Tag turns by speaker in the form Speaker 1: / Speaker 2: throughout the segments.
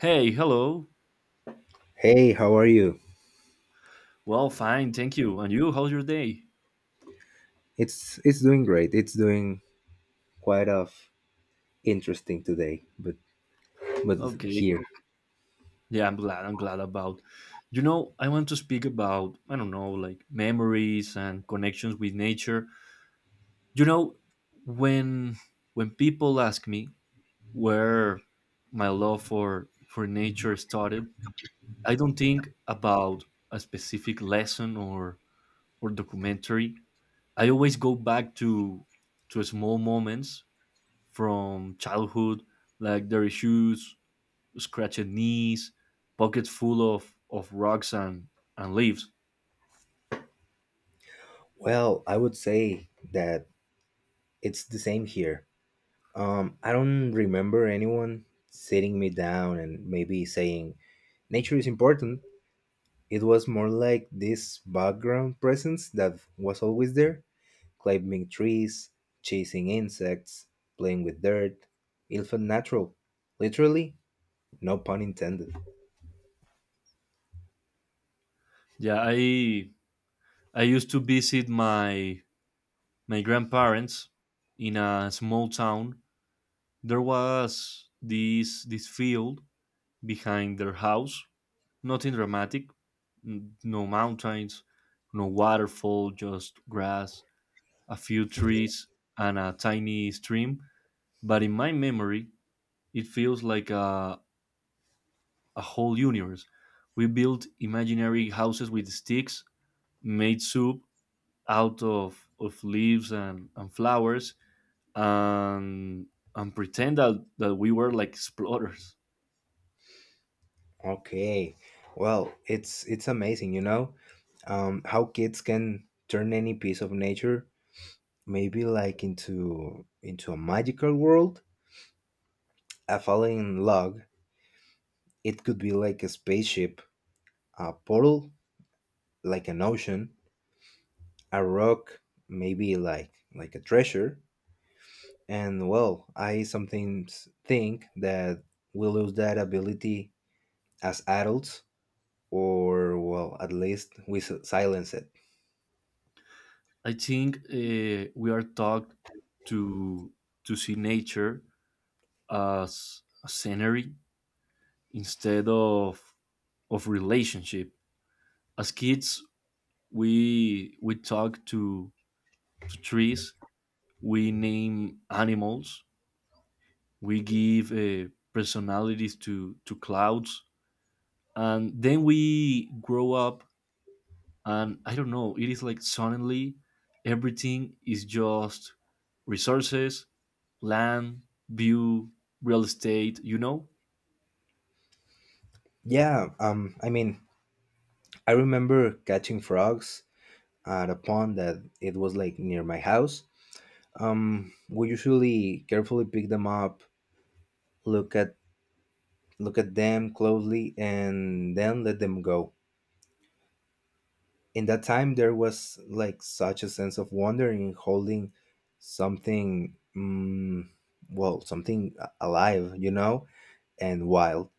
Speaker 1: Hey, hello.
Speaker 2: Hey, how are you?
Speaker 1: Well, fine, thank you. And you, how's your day?
Speaker 2: It's doing great. It's doing quite of interesting today, but
Speaker 1: Okay.
Speaker 2: here.
Speaker 1: Yeah, I'm glad. I'm glad about. I want to speak about, I don't know, like memories and connections with nature. You know, when when people ask me where my love for nature started, I don't think about a specific lesson or documentary. I always go back to small moments from childhood, like dirty shoes, scratched knees, pockets full of rocks and leaves.
Speaker 2: Well, I would say that it's the same here. I don't remember anyone sitting me down and maybe saying nature is important. It was more like this background presence that was always there, climbing trees, chasing insects, playing with dirt. It felt natural, literally, no pun intended.
Speaker 1: Yeah, I used to visit my grandparents in a small town. There was this field behind their house. Nothing dramatic, no mountains, no waterfall, just grass, a few trees, and a tiny stream. But in my memory, it feels like a whole universe. We built imaginary houses with sticks, made soup out of leaves and flowers, and, and pretend that we were like explorers.
Speaker 2: Okay. Well, it's amazing, how kids can turn any piece of nature, maybe like into a magical world. A falling log, it could be like a spaceship, a portal, like an ocean, a rock, maybe like a treasure. And well, I sometimes think that we lose that ability as adults, or well, at least we silence it.
Speaker 1: I think we are taught to, to see nature as a scenery instead of relationship. As kids, we talk to trees, we name animals, we give personalities to clouds, and then we grow up, and I don't know, it is like suddenly everything is just resources, land, view, real estate, you know?
Speaker 2: Yeah, I mean, I remember catching frogs at a pond that it was like near my house. We usually carefully pick them up, look at look at them closely, and then let them go. In that time, there was like such a sense of wonder in holding something, well, something alive, you know, and wild,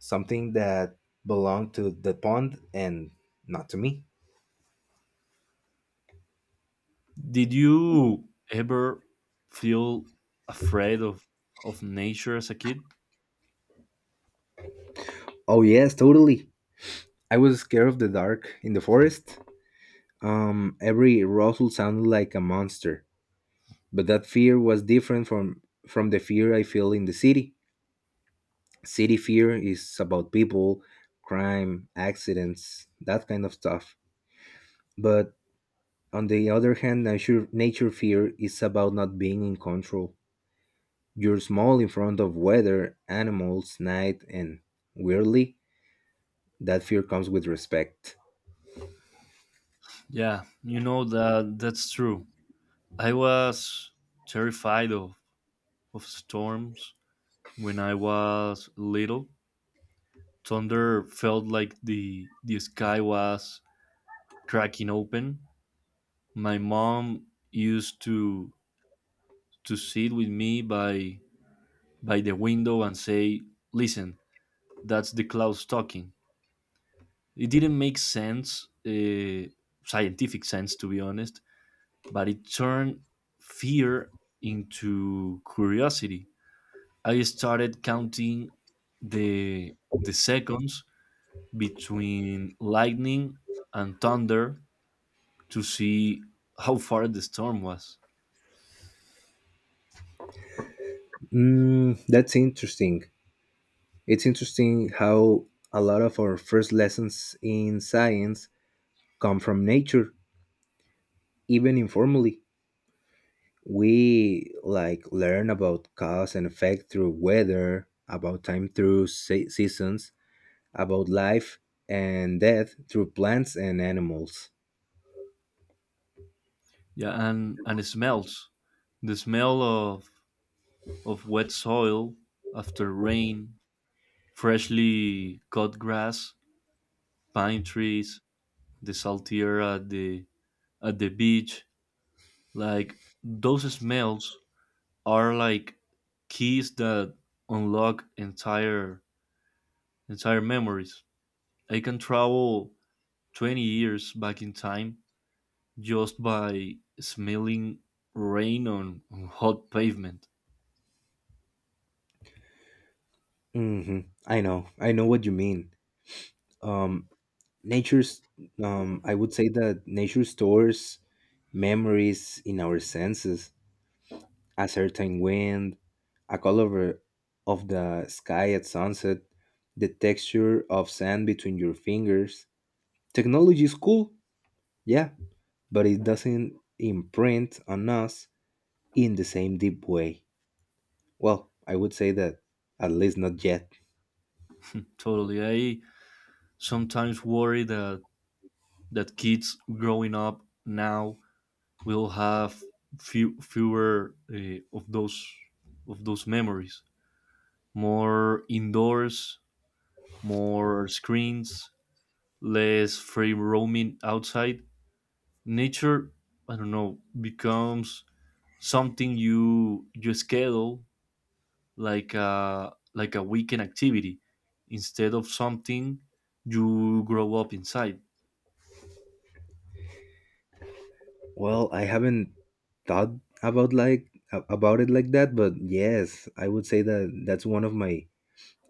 Speaker 2: something that belonged to the pond and not to me.
Speaker 1: Did you ever feel afraid of nature as a kid?
Speaker 2: Oh yes, totally. I was scared of the dark in the forest. Every rustle sounded like a monster, but that fear was different from the fear I feel in the city. City fear is about people, crime, accidents, that kind of stuff. But on the other hand, nature fear is about not being in control. You're small in front of weather, animals, night, and weirdly, that fear comes with respect.
Speaker 1: Yeah, you know, that's true. I was terrified of storms. When I was little, thunder felt like the sky was cracking open. My mom used to sit with me by the window and say, "Listen, that's the clouds talking." It didn't make sense, scientific sense to be honest, but it turned fear into curiosity. I started counting the seconds between lightning and thunder to see how far the storm was.
Speaker 2: That's interesting. It's interesting how a lot of our first lessons in science come from nature, even informally. We like learn about cause and effect through weather, about time through seasons, about life and death through plants and animals.
Speaker 1: Yeah, and smells, the smell of wet soil after rain, freshly cut grass, pine trees, the salty air at the beach, like those smells are like keys that unlock entire memories. I can travel 20 years back in time just by smelling rain on hot pavement.
Speaker 2: Hmm, I know what you mean. Um, nature's, I would say that nature stores memories in our senses. A certain wind, a color of the sky at sunset, the texture of sand between your fingers. Technology is cool, yeah, but it doesn't imprint on us in the same deep way. Well, I would say that, at least not yet.
Speaker 1: Totally. I sometimes worry that kids growing up now will have fewer of those memories. More indoors, more screens, less free roaming outside. Nature, I don't know, becomes something you schedule like a weekend activity instead of something you grow up inside.
Speaker 2: Well, I haven't thought about about it like that, but yes, I would say that that's one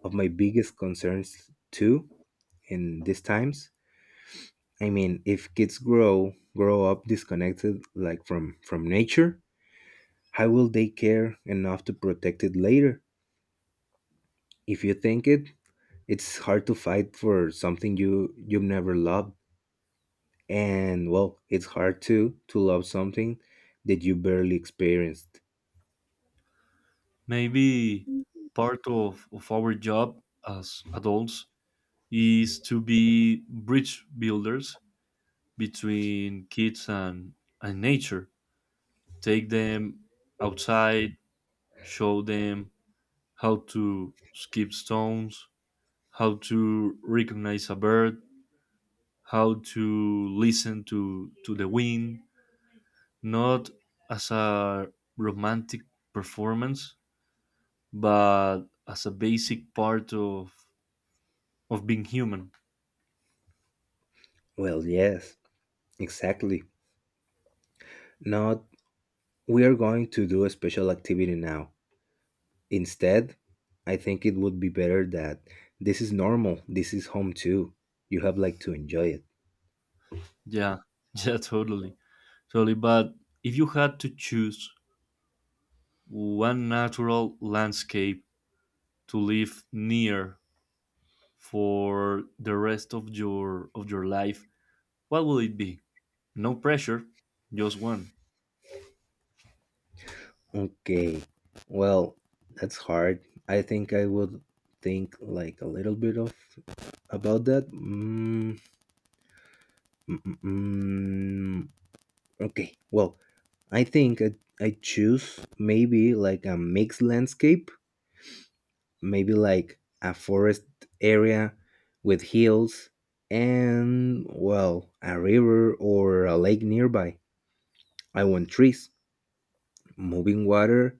Speaker 2: of my biggest concerns too in these times. I mean, if kids grow up disconnected like from nature, how will they care enough to protect it later? If you think it, it's hard to fight for something you've never loved, and well, it's hard to love something that you barely experienced.
Speaker 1: Maybe part of our job as adults is to be bridge builders between kids and nature. Take them outside, show them how to skip stones, how to recognize a bird, how to listen to the wind, not as a romantic performance, but as a basic part of being human.
Speaker 2: Well, yes, exactly. Not we are going to do a special activity now. Instead, I think it would be better that this is normal. This is home too. You have like to enjoy it.
Speaker 1: Yeah, yeah, totally, totally. But if you had to choose one natural landscape to live near for the rest of your life, what will it be? No pressure, just one.
Speaker 2: Okay. Well, that's hard. I think I would think like a little bit of about that. Mm, mm, mm. Okay. Well, I think I choose maybe like a mixed landscape, maybe like a forest area with hills and well, a river or a lake nearby. I want trees, moving water,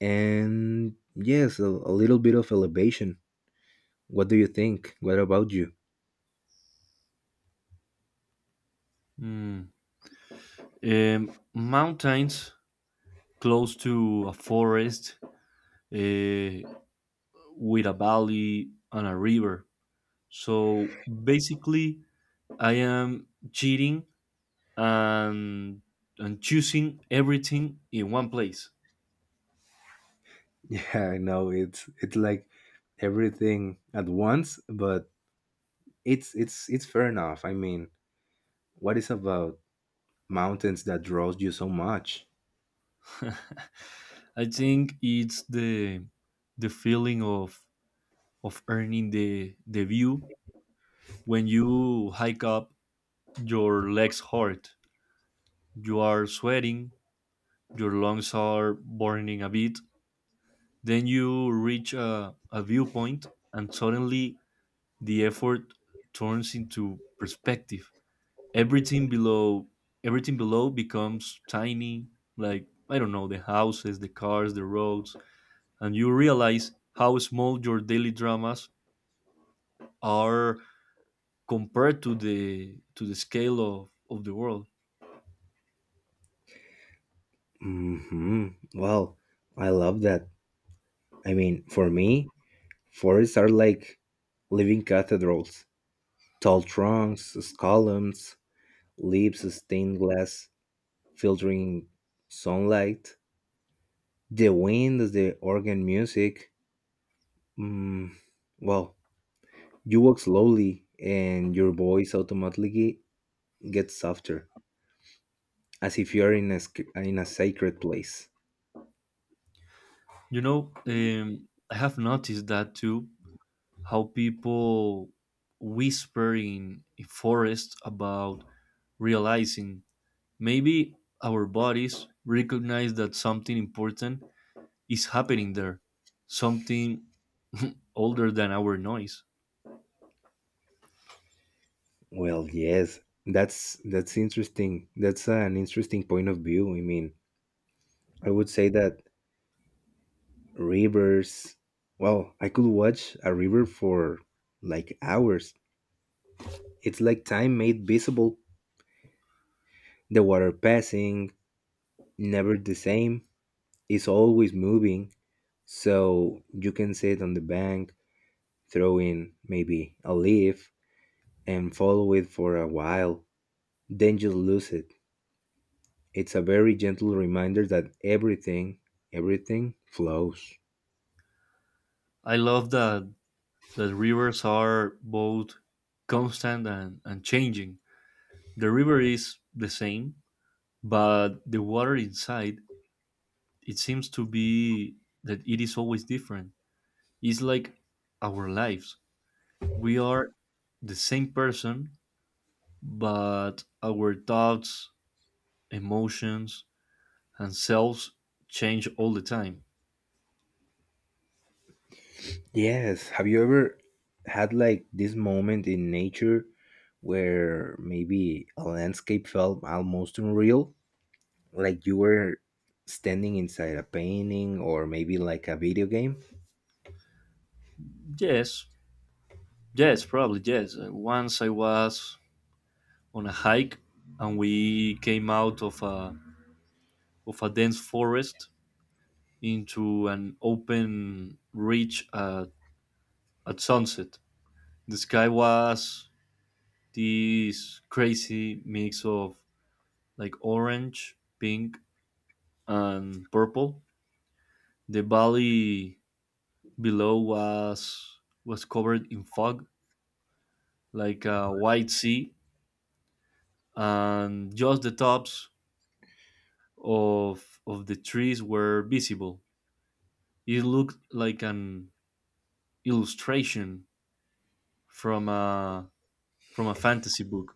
Speaker 2: and yes, a little bit of elevation. What do you think? What about you?
Speaker 1: Mm. Mountains close to a forest, uh, with a valley and a river. So basically, I am cheating and and choosing everything in one place.
Speaker 2: Yeah, I know it's like everything at once, but it's fair enough. I mean, what is about mountains that draws you so much?
Speaker 1: I think it's the feeling of earning the view. When you hike up, your legs hurt, you are sweating, your lungs are burning a bit, then you reach a viewpoint, and suddenly the effort turns into perspective. Everything below Everything below becomes tiny, like I don't know, the houses, the cars, the roads, and you realize how small your daily dramas are compared to the scale of the world.
Speaker 2: Hmm. Well, I love that. I mean, for me, forests are like living cathedrals. Tall trunks, columns, leaves, stained glass, filtering sunlight. The wind, the organ music. Mm, well, You walk slowly, and your voice automatically gets softer, as if you are in a in a sacred place.
Speaker 1: You know, I have noticed that too, how people whisper in a forest. About realizing, maybe our bodies recognize that something important is happening there, something older than our noise.
Speaker 2: Well, yes, that's interesting. That's an interesting point of view. I mean, I would say that rivers. Well, I could watch a river for like hours. It's like time made visible. The water passing, never the same. It's always moving, so you can sit on the bank. Throw in, maybe, a leaf and follow it for a while. Then just lose it. It's a very gentle reminder that everything flows.
Speaker 1: I love that that rivers are both constant and changing. The river is the same, but the water inside it seems to be that it is always different. It's like our lives. We are the same person, but our thoughts, emotions, and selves change all the time.
Speaker 2: Yes. Have you ever had like this moment in nature where maybe a landscape felt almost unreal? Like you were standing inside a painting or maybe like a video game?
Speaker 1: Yes, yes, probably yes. Once I was on a hike and we came out of a dense forest into an open reach at sunset. The sky was this crazy mix of like orange, pink, and purple. The valley below was covered in fog, like a white sea, and just the tops of the trees were visible. It looked like an illustration from a fantasy book.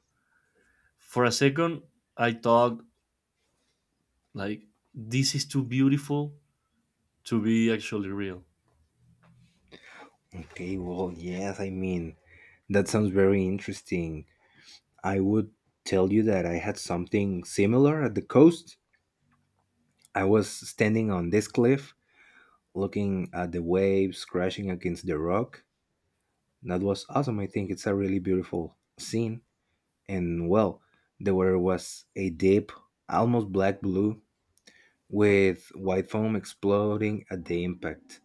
Speaker 1: For a second, I thought like this is too beautiful to be actually real.
Speaker 2: Okay, well, yes, I mean, that sounds very interesting. I would tell you that I had something similar at the coast. I was standing on this cliff, looking at the waves crashing against the rock. That was awesome. I think it's a really beautiful scene. And well, the water was a deep, almost black blue, with white foam exploding at the impact.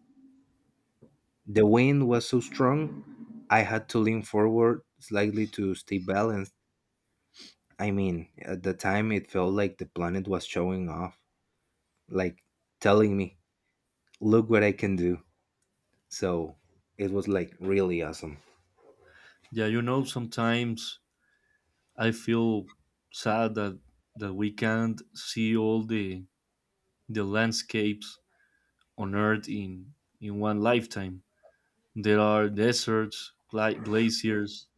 Speaker 2: The wind was so strong, I had to lean forward slightly to stay balanced. I mean, at the time, it felt like the planet was showing off, like telling me, look what I can do. So it was like really awesome.
Speaker 1: Yeah, you know, sometimes I feel sad that we can't see all the landscapes on Earth in one lifetime. There are deserts, glaciers,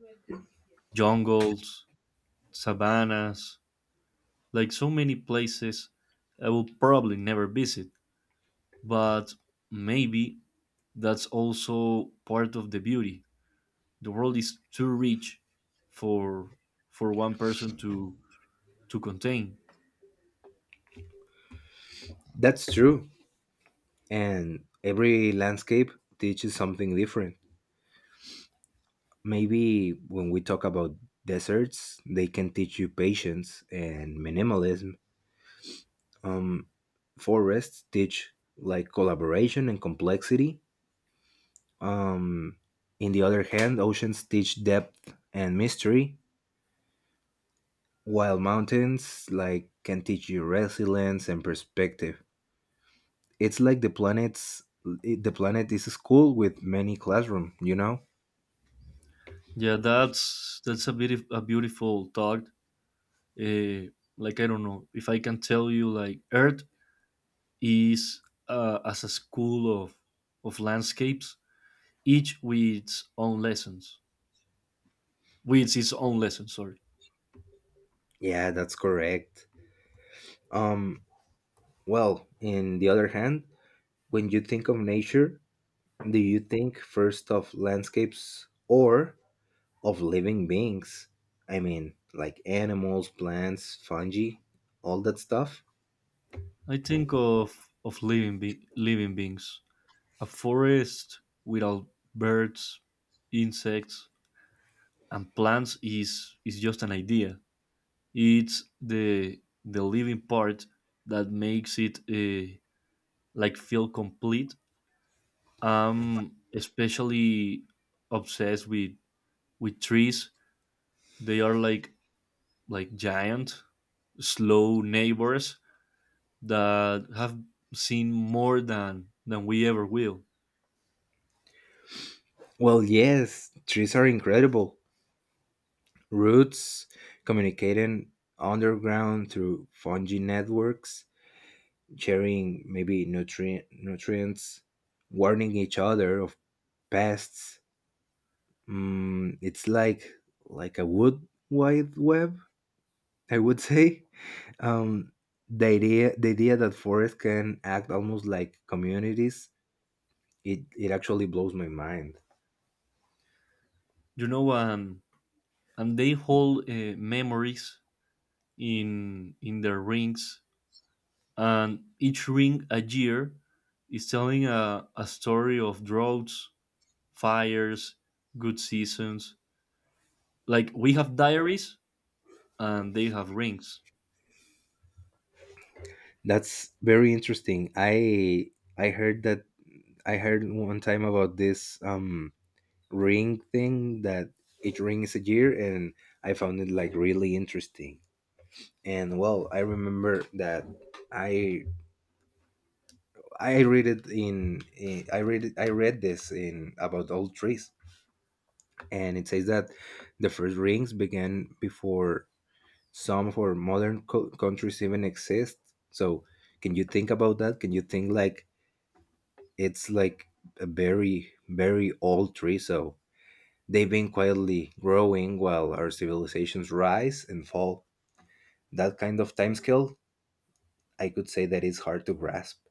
Speaker 1: jungles, savannas, like so many places I will probably never visit. But maybe that's also part of the beauty. The world is too rich for for one person to contain.
Speaker 2: That's true. And every landscape teaches something different. Maybe when we talk about deserts, they can teach you patience and minimalism. Um, forests teach like collaboration and complexity. Um, in the other hand, oceans teach depth and mystery, while mountains like can teach you resilience and perspective. It's like the planet is a school with many classroom, you know?
Speaker 1: Yeah, that's a bit of a beautiful thought. Uh, like I don't know if I can tell you like Earth is as a school of landscapes, each with its own lessons. With its own lesson. Sorry,
Speaker 2: Yeah, that's correct. Um well, in the other hand, when you think of nature, do you think first of landscapes or of living beings? I mean, like animals, plants, fungi, all that stuff?
Speaker 1: I think of living living beings. A forest without birds, insects, and plants is just an idea. It's the living part that makes it like feel complete. I'm especially obsessed with trees. They are like giant, slow neighbors that have seen more than we ever will.
Speaker 2: Well, yes, trees are incredible. Roots communicating underground through fungi networks sharing maybe nutrients, warning each other of pests. Mm, it's like a wood wide web, I would say. Um, the idea the idea that forests can act almost like communities, it actually blows my mind.
Speaker 1: You know, and they hold memories in their rings, and each ring, a year, is telling a story of droughts, fires, good seasons. Like we have diaries and they have rings.
Speaker 2: That's very interesting. I heard that I heard one time about this ring thing that it rings a year and I found it like really interesting. And well, I remember that i I read it in, I read this in about old trees, and it says that the first rings began before some of our modern countries even exist. So can you think about that? Can you think like it's like a very old tree? So they've been quietly growing while our civilizations rise and fall. That kind of time scale, I could say that is hard to grasp.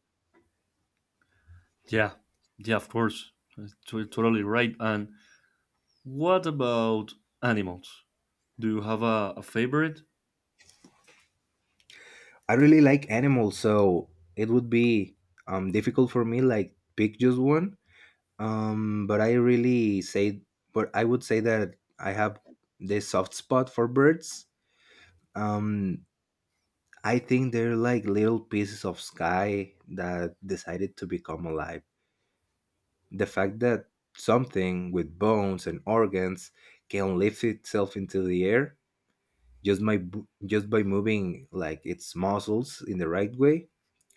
Speaker 1: Yeah, yeah, of course. That's totally right. And what about animals? Do you have a favorite?
Speaker 2: I really like animals, so it would be difficult for me like pick just one. Um, but I really say, but I would say that I have this soft spot for birds. Um, I think they're like little pieces of sky that decided to become alive. The fact that something with bones and organs can lift itself into the air just by just by moving like its muscles in the right way,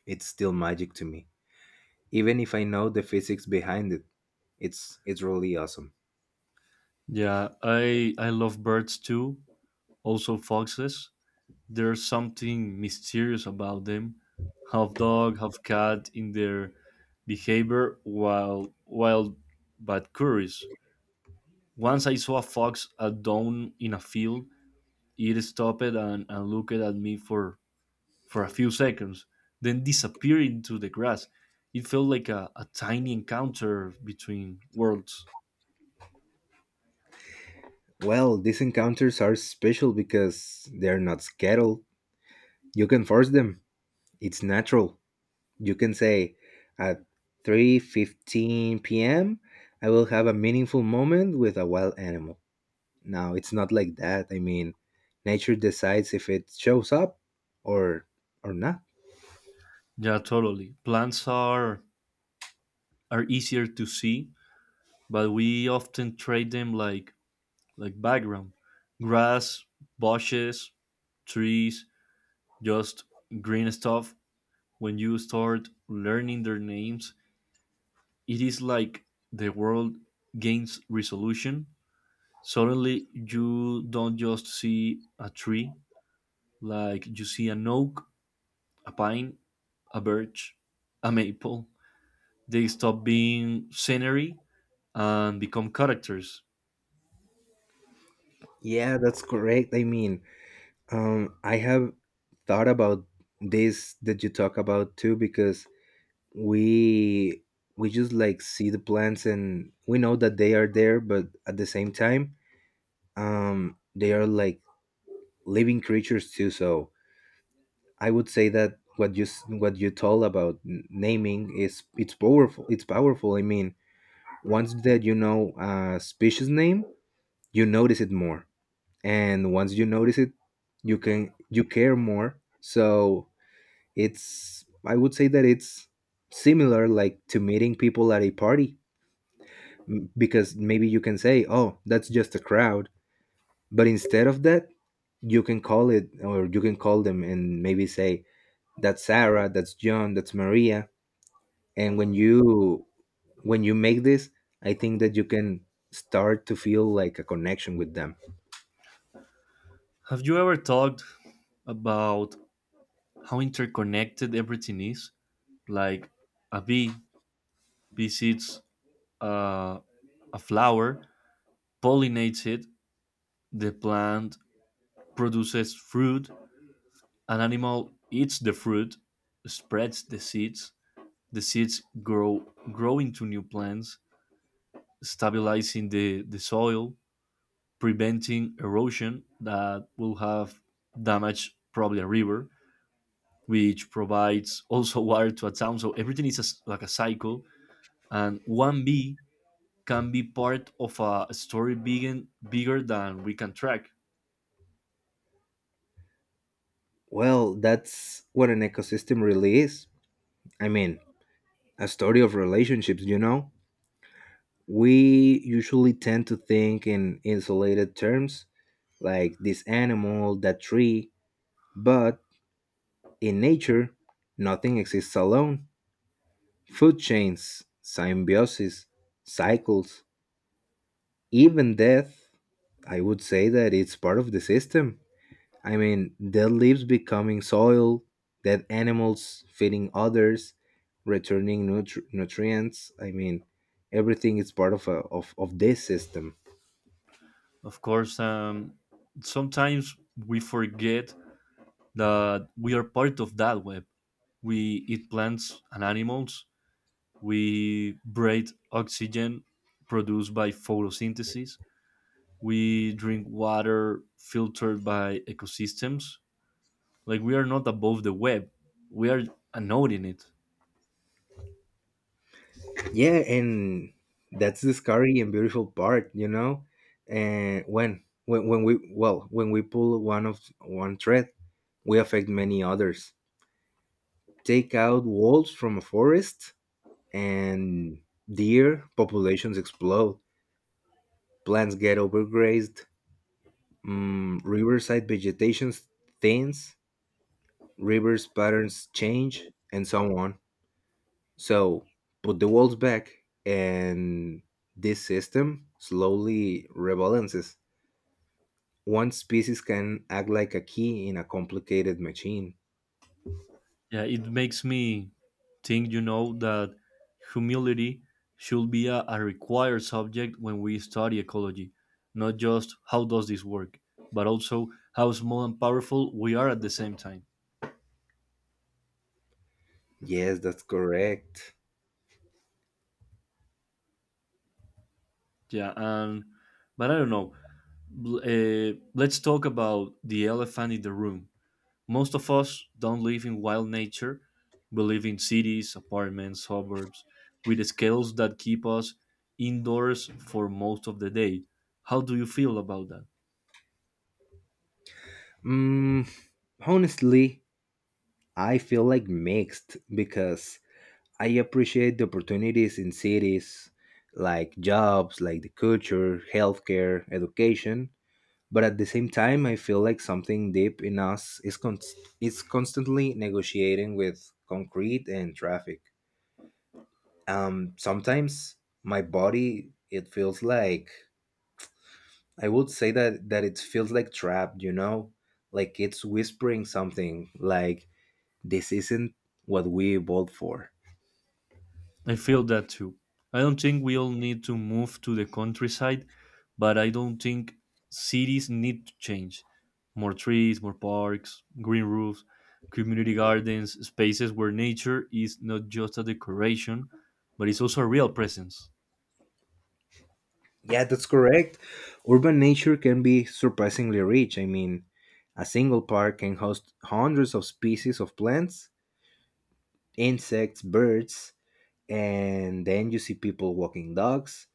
Speaker 2: it's still magic to me, even if I know the physics behind it. It's really awesome.
Speaker 1: Yeah, I love birds too. Also foxes. There's something mysterious about them. Half dog, half cat in their behavior, while wild but curious. Once I saw a fox at dawn in a field. It stopped and looked at me for a few seconds, then disappeared into the grass. It felt like a tiny encounter between worlds.
Speaker 2: Well, these encounters are special because they're not scheduled. You can force them. It's natural. You can say at 3:15 p.m. I will have a meaningful moment with a wild animal. Now, it's not like that. I mean, nature decides if it shows up or or not.
Speaker 1: Yeah, totally. Plants are easier to see, but we often trade them like background grass, bushes, trees, just green stuff. When you start learning their names, it is like the world gains resolution. Suddenly you don't just see a tree, like you see an oak, a pine, a birch, a maple. They stop being scenery and become characters.
Speaker 2: Yeah, that's correct. I mean, I have thought about this that you talk about too because we we just like see the plants and we know that they are there, but at the same time, they are like living creatures too. So I would say that what you told about naming is it's powerful. It's powerful. I mean, once that you know a species name, you notice it more, and once you notice it, you care more. So it's, I would say that it's similar like to meeting people at a party. Because maybe you can say, oh, that's just a crowd, but instead of that, you can call it or you can call them and maybe say that's Sarah, that's John, that's Maria. And when you make this, I think that you can start to feel like a connection with them.
Speaker 1: Have you ever talked about how interconnected everything is? Like a bee visits uh, a flower, pollinates it, the plant produces fruit, an animal eats the fruit, spreads the seeds grow into new plants, stabilizing the soil, preventing erosion that will have damaged probably a river, which provides also water to a town. So everything is a s like a cycle, and one bee can be part of a story bigger, bigger than we can track.
Speaker 2: Well, that's what an ecosystem really is. I mean, a story of relationships, you know. We usually tend to think in insulated terms, like this animal, that tree, but in nature, nothing exists alone. Food chains, symbiosis, cycles, even death, I would say that it's part of the system. I mean, dead leaves becoming soil, dead animals feeding others, returning nutrients. I mean, everything is part of, of this system.
Speaker 1: Of course, sometimes we forget that we are part of that web. We eat plants and animals. We breathe oxygen produced by photosynthesis. We drink water filtered by ecosystems. Like we are not above the web. We are a node in it.
Speaker 2: Yeah, and that's the scary and beautiful part, you know. And when we pull one of one thread, we affect many others. Take out wolves from a forest, and deer populations explode. Plants get overgrazed. Mm, riverside vegetation thins. Rivers patterns change, and so on. So put the walls back, and this system slowly rebalances. One species can act like a key in a complicated machine.
Speaker 1: Yeah, it makes me think, you know, that humility should be a required subject when we study ecology, not just how does this work, but also how small and powerful we are at the same time.
Speaker 2: Yes, that's correct.
Speaker 1: Yeah, and but I don't know. Let's talk about the elephant in the room. Most of us don't live in wild nature. We live in cities, apartments, suburbs, with scales that keep us indoors for most of the day. How do you feel about that?
Speaker 2: Mm, Honestly, I feel like mixed because I appreciate the opportunities in cities like jobs, like the culture, healthcare, education, but at the same time I feel like something deep in us is constantly negotiating with concrete and traffic. Sometimes my body it feels like I would say that it feels like trapped, you know, like it's whispering something like this isn't what we evolved for.
Speaker 1: I feel that too. I don't think we all need to move to the countryside, but I don't think cities need to change. More trees, more parks, green roofs, community gardens, spaces where nature is not just a decoration, but it's also a real presence.
Speaker 2: Yeah, that's correct. Urban nature can be surprisingly rich. I mean, a single park can host hundreds of species of plants, insects, birds. And then you see people walking dogs,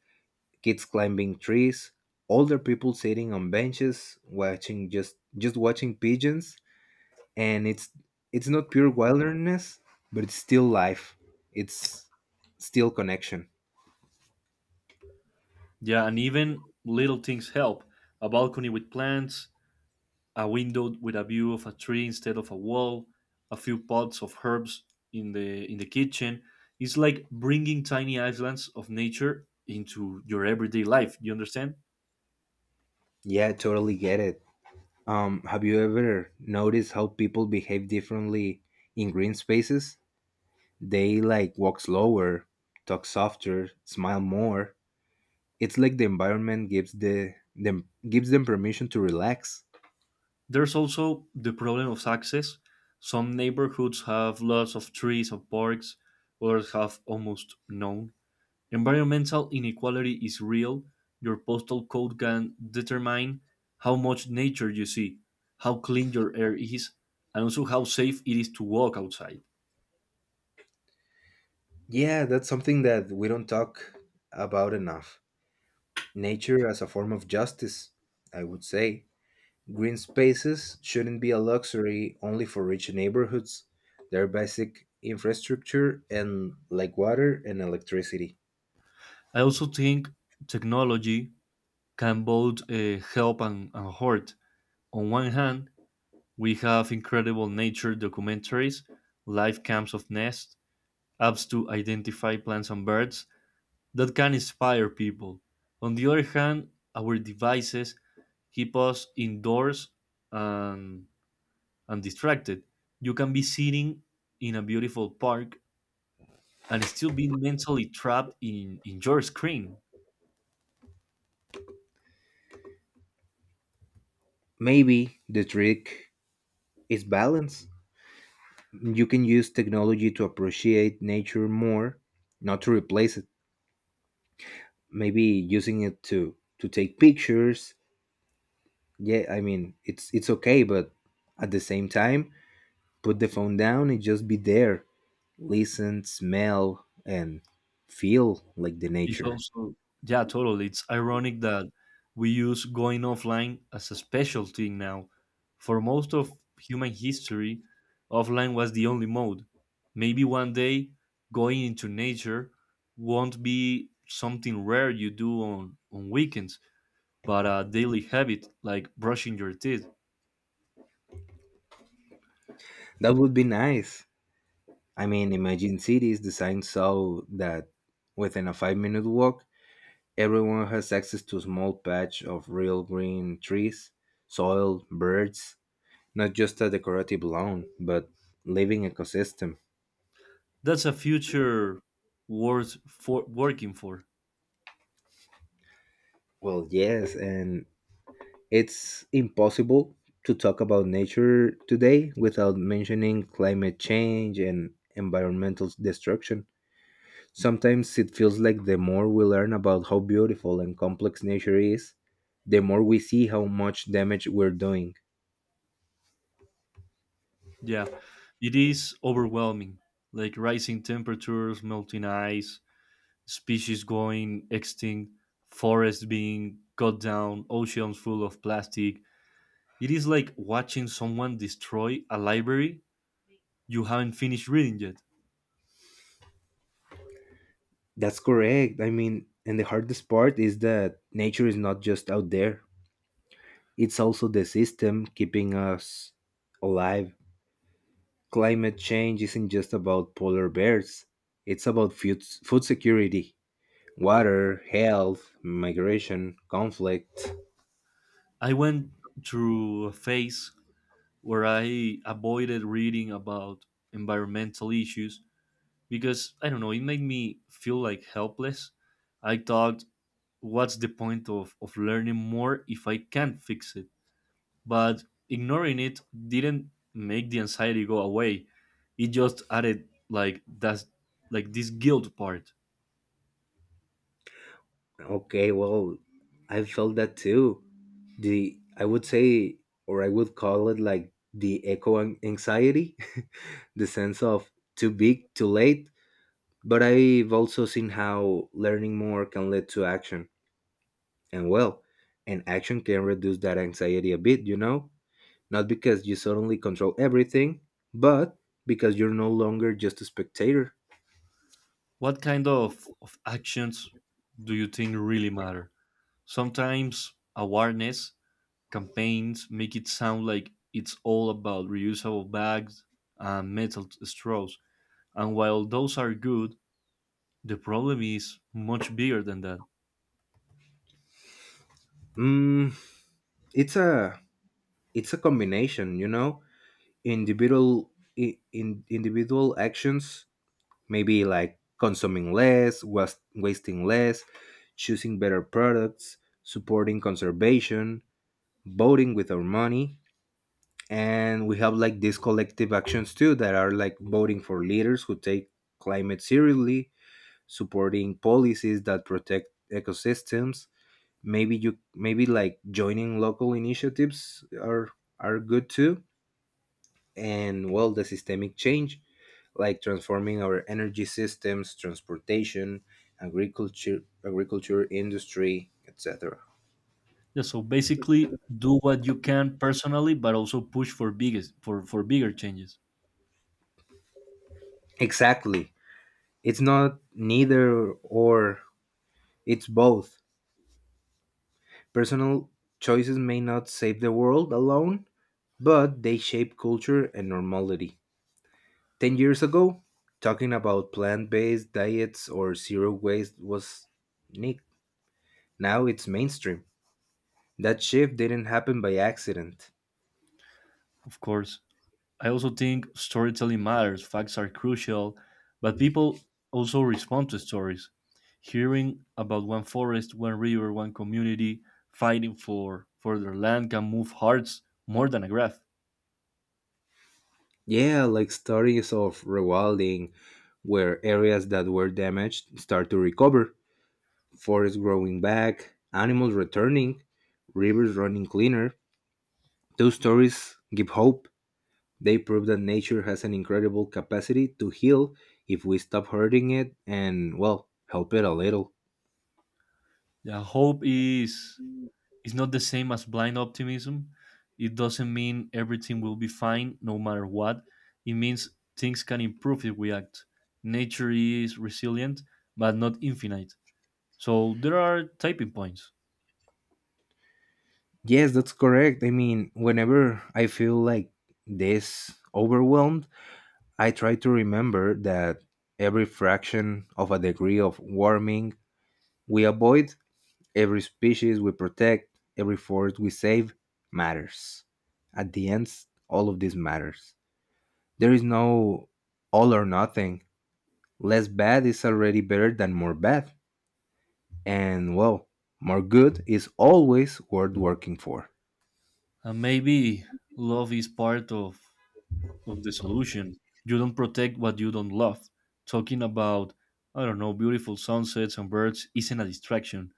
Speaker 2: kids climbing trees, older people sitting on benches watching, just watching pigeons. And it's not pure wilderness, but it's still life. It's still connection.
Speaker 1: Yeah, and even little things help. A balcony with plants, a window with a view of a tree instead of a wall, a few pots of herbs in the kitchen. It's like bringing tiny islands of nature into your everyday life, you understand?
Speaker 2: Yeah, I totally get it. Have you ever noticed how people behave differently in green spaces? They like walk slower, talk softer, smile more. It's like the environment gives them permission to relax.
Speaker 1: There's also the problem of access. Some neighborhoods have lots of trees or parks, others have almost none. Environmental inequality is real. Your postal code can determine how much nature you see, how clean your air is, and also how safe it is to walk outside.
Speaker 2: Yeah, that's something that we don't talk about enough. Nature as a form of justice, I would say. Green spaces shouldn't be a luxury only for rich neighborhoods. They're basic infrastructure and like water and electricity.
Speaker 1: I also think technology can both help and hurt. On one hand, we have incredible nature documentaries, live cams of nests, apps to identify plants and birds that can inspire people. On the other hand, our devices keep us indoors and, and distracted. You can be sitting in a beautiful park and still be mentally trapped in your screen.
Speaker 2: Maybe the trick is balance. You can use technology to appreciate nature more, not to replace it. Maybe using it to take pictures. Yeah, I mean it's okay, but at the same time, put the phone down and just be there, listen, smell, and feel like the
Speaker 1: It's
Speaker 2: nature.
Speaker 1: also, yeah, totally. It's ironic that we use going offline as a special thing now. For most of human history, offline was the only mode. Maybe one day going into nature won't be something rare you do on weekends but a daily habit like brushing your teeth.
Speaker 2: That would be nice. I mean, imagine cities designed so that within a 5-minute walk everyone has access to a small patch of real green, trees, soil, birds, not just a decorative lawn, but living ecosystem.
Speaker 1: That's a future worth for working for.
Speaker 2: Well, yes, and it's impossible to talk about nature today without mentioning climate change and environmental destruction. Sometimes it feels like the more we learn about how beautiful and complex nature is, the more we see how much damage we're doing.
Speaker 1: Yeah, it is overwhelming, like rising temperatures, melting ice, species going extinct, forests being cut down, oceans full of plastic. It is like watching someone destroy a library you haven't finished reading yet.
Speaker 2: That's correct. I mean, and the hardest part is that nature is not just out there, it's also the system keeping us alive. Climate change isn't just about polar bears, it's about food, food security, water, health, migration, conflict.
Speaker 1: I went through a phase where I avoided reading about environmental issues because I don't know, it made me feel like helpless. I thought, what's the point of learning more if I can't fix it? But ignoring it didn't make the anxiety go away. It just added like that's like this guilt part.
Speaker 2: Okay, well, I felt that too. The, I would say, or I would call it like the anxiety, the sense of too big, too late. But I've also seen how learning more can lead to action, and well, and action can reduce that anxiety a bit, you know. Not because you suddenly control everything, but because you're no longer just a spectator.
Speaker 1: What kind of actions do you think really matter? Sometimes awareness campaigns make it sound like it's all about reusable bags and metal straws. And while those are good, the problem is much bigger than that.
Speaker 2: Mm, it's a it's a combination, you know. Individual, in individual actions, maybe like consuming less, wasting less, choosing better products, supporting conservation, voting with our money, and we have like these collective actions too that are like voting for leaders who take climate seriously, supporting policies that protect ecosystems. Maybe like joining local initiatives are good too. And well, the systemic change, like transforming our energy systems, transportation, agriculture industry, etc.
Speaker 1: Yeah, so basically do what you can personally, but also push for bigger changes.
Speaker 2: Exactly. It's not neither or, it's both. Personal choices may not save the world alone, but they shape culture and normality. 10 years ago, talking about plant based diets or zero waste was unique. Now it's mainstream. That shift didn't happen by accident.
Speaker 1: Of course. I also think storytelling matters, facts are crucial, but people also respond to stories. Hearing about one forest, one river, one community fighting for their land can move hearts more than a graph.
Speaker 2: Yeah, like stories of rewilding, where areas that were damaged start to recover, forests growing back, animals returning, rivers running cleaner. Those stories give hope. They prove that nature has an incredible capacity to heal if we stop hurting it and, well, help it a little.
Speaker 1: Yeah, hope is it's not the same as blind optimism. It doesn't mean everything will be fine no matter what. It means things can improve if we act. Nature is resilient, but not infinite. So there are typing points.
Speaker 2: Yes, that's correct. I mean, whenever I feel like this overwhelmed, I try to remember that every fraction of a degree of warming we avoid, every species we protect, every forest we save matters. At the end, all of this matters. There is no all or nothing. Less bad is already better than more bad. And well, more good is always worth working for.
Speaker 1: And maybe love is part of the solution. You don't protect what you don't love. Talking about, I don't know, beautiful sunsets and birds isn't a distraction.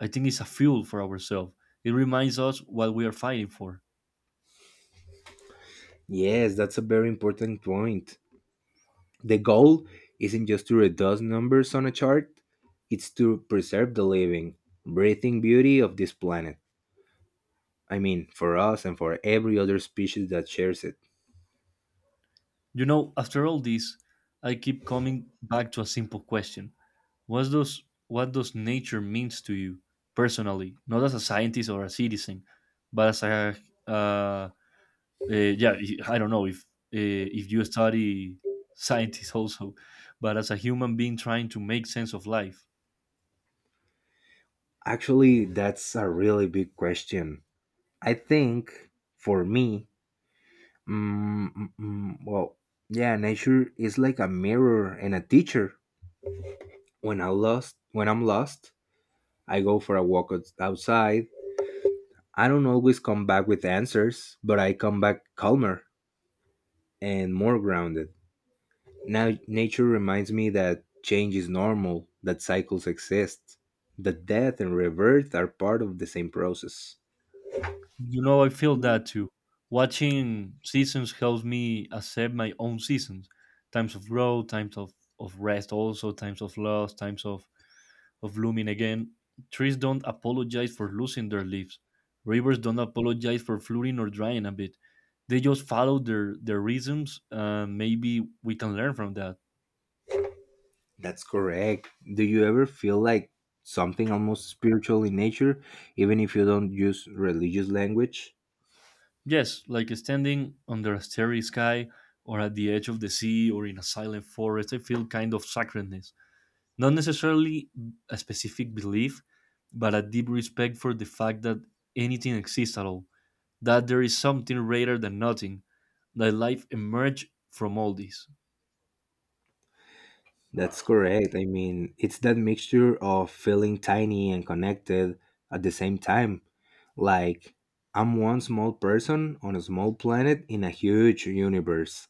Speaker 1: I think it's a fuel for ourselves. It reminds us what we are fighting for.
Speaker 2: Yes, that's a very important point. The goal isn't just to reduce numbers on a chart, it's to preserve the living, breathing beauty of this planet. I mean, for us and for every other species that shares it.
Speaker 1: You know, after all this, I keep coming back to a simple question. What does what does nature means to you personally, not as a scientist or a citizen, but as a uh, yeah, I don't know if you study scientists also, but as a human being trying to make sense of life.
Speaker 2: Actually, that's a really big question. I think for me, well, yeah, nature is like a mirror and a teacher. When I'm lost, I go for a walk outside. I don't always come back with answers, but I come back calmer and more grounded. Now, nature reminds me that change is normal, that cycles exist, that death and rebirth are part of the same process.
Speaker 1: You know, I feel that too. Watching seasons helps me accept my own seasons, times of growth, times of rest, also times of loss, times of blooming again. Trees don't apologize for losing their leaves. Rivers don't apologize for flooding or drying a bit. They just follow their rhythms. Maybe we can learn from that.
Speaker 2: That's correct. Do you ever feel like something almost spiritual in nature, even if you don't use religious language?
Speaker 1: Yes, like standing under a starry sky or at the edge of the sea or in a silent forest, I feel kind of sacredness. Not necessarily a specific belief, but a deep respect for the fact that anything exists at all, that there is something greater than nothing, that life emerged from all this.
Speaker 2: That's correct. I mean, it's that mixture of feeling tiny and connected at the same time. Like, I'm one small person on a small planet in a huge universe.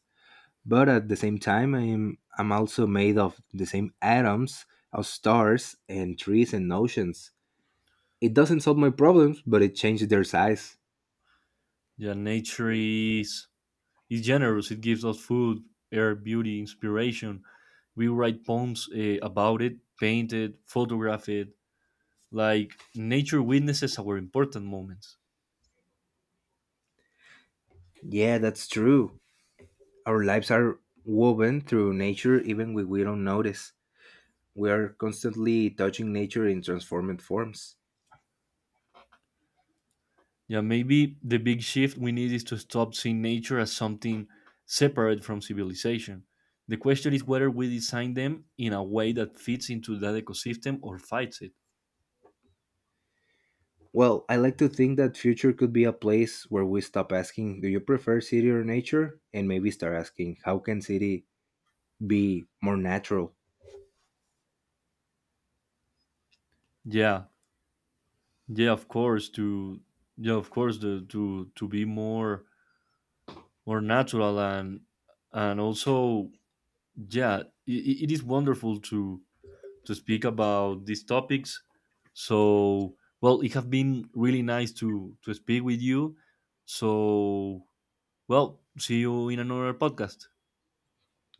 Speaker 2: But at the same time I'm also made of the same atoms of stars and trees and oceans. It doesn't solve my problems, but it changes their size.
Speaker 1: Yeah, nature is generous. It gives us food, air, beauty, inspiration. We write poems about it, paint it, photograph it. Like nature witnesses our important moments.
Speaker 2: Yeah, that's true. Our lives are woven through nature even when we don't notice. We are constantly touching nature in transformed forms.
Speaker 1: Yeah, maybe the big shift we need is to stop seeing nature as something separate from civilization. The question is whether we design them in a way that fits into that ecosystem or fights it.
Speaker 2: Well, I like to think that future could be a place where we stop asking do you prefer city or nature, and maybe start asking how can city be more natural.
Speaker 1: Yeah, yeah, of course. To Yeah, of course. To be more more natural and also yeah it is wonderful to speak about these topics, so well it have been really nice to speak with you, so well, see you in another podcast.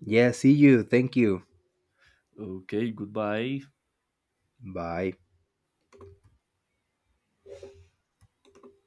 Speaker 2: Yeah, see you, thank you.
Speaker 1: Okay, goodbye.
Speaker 2: Bye.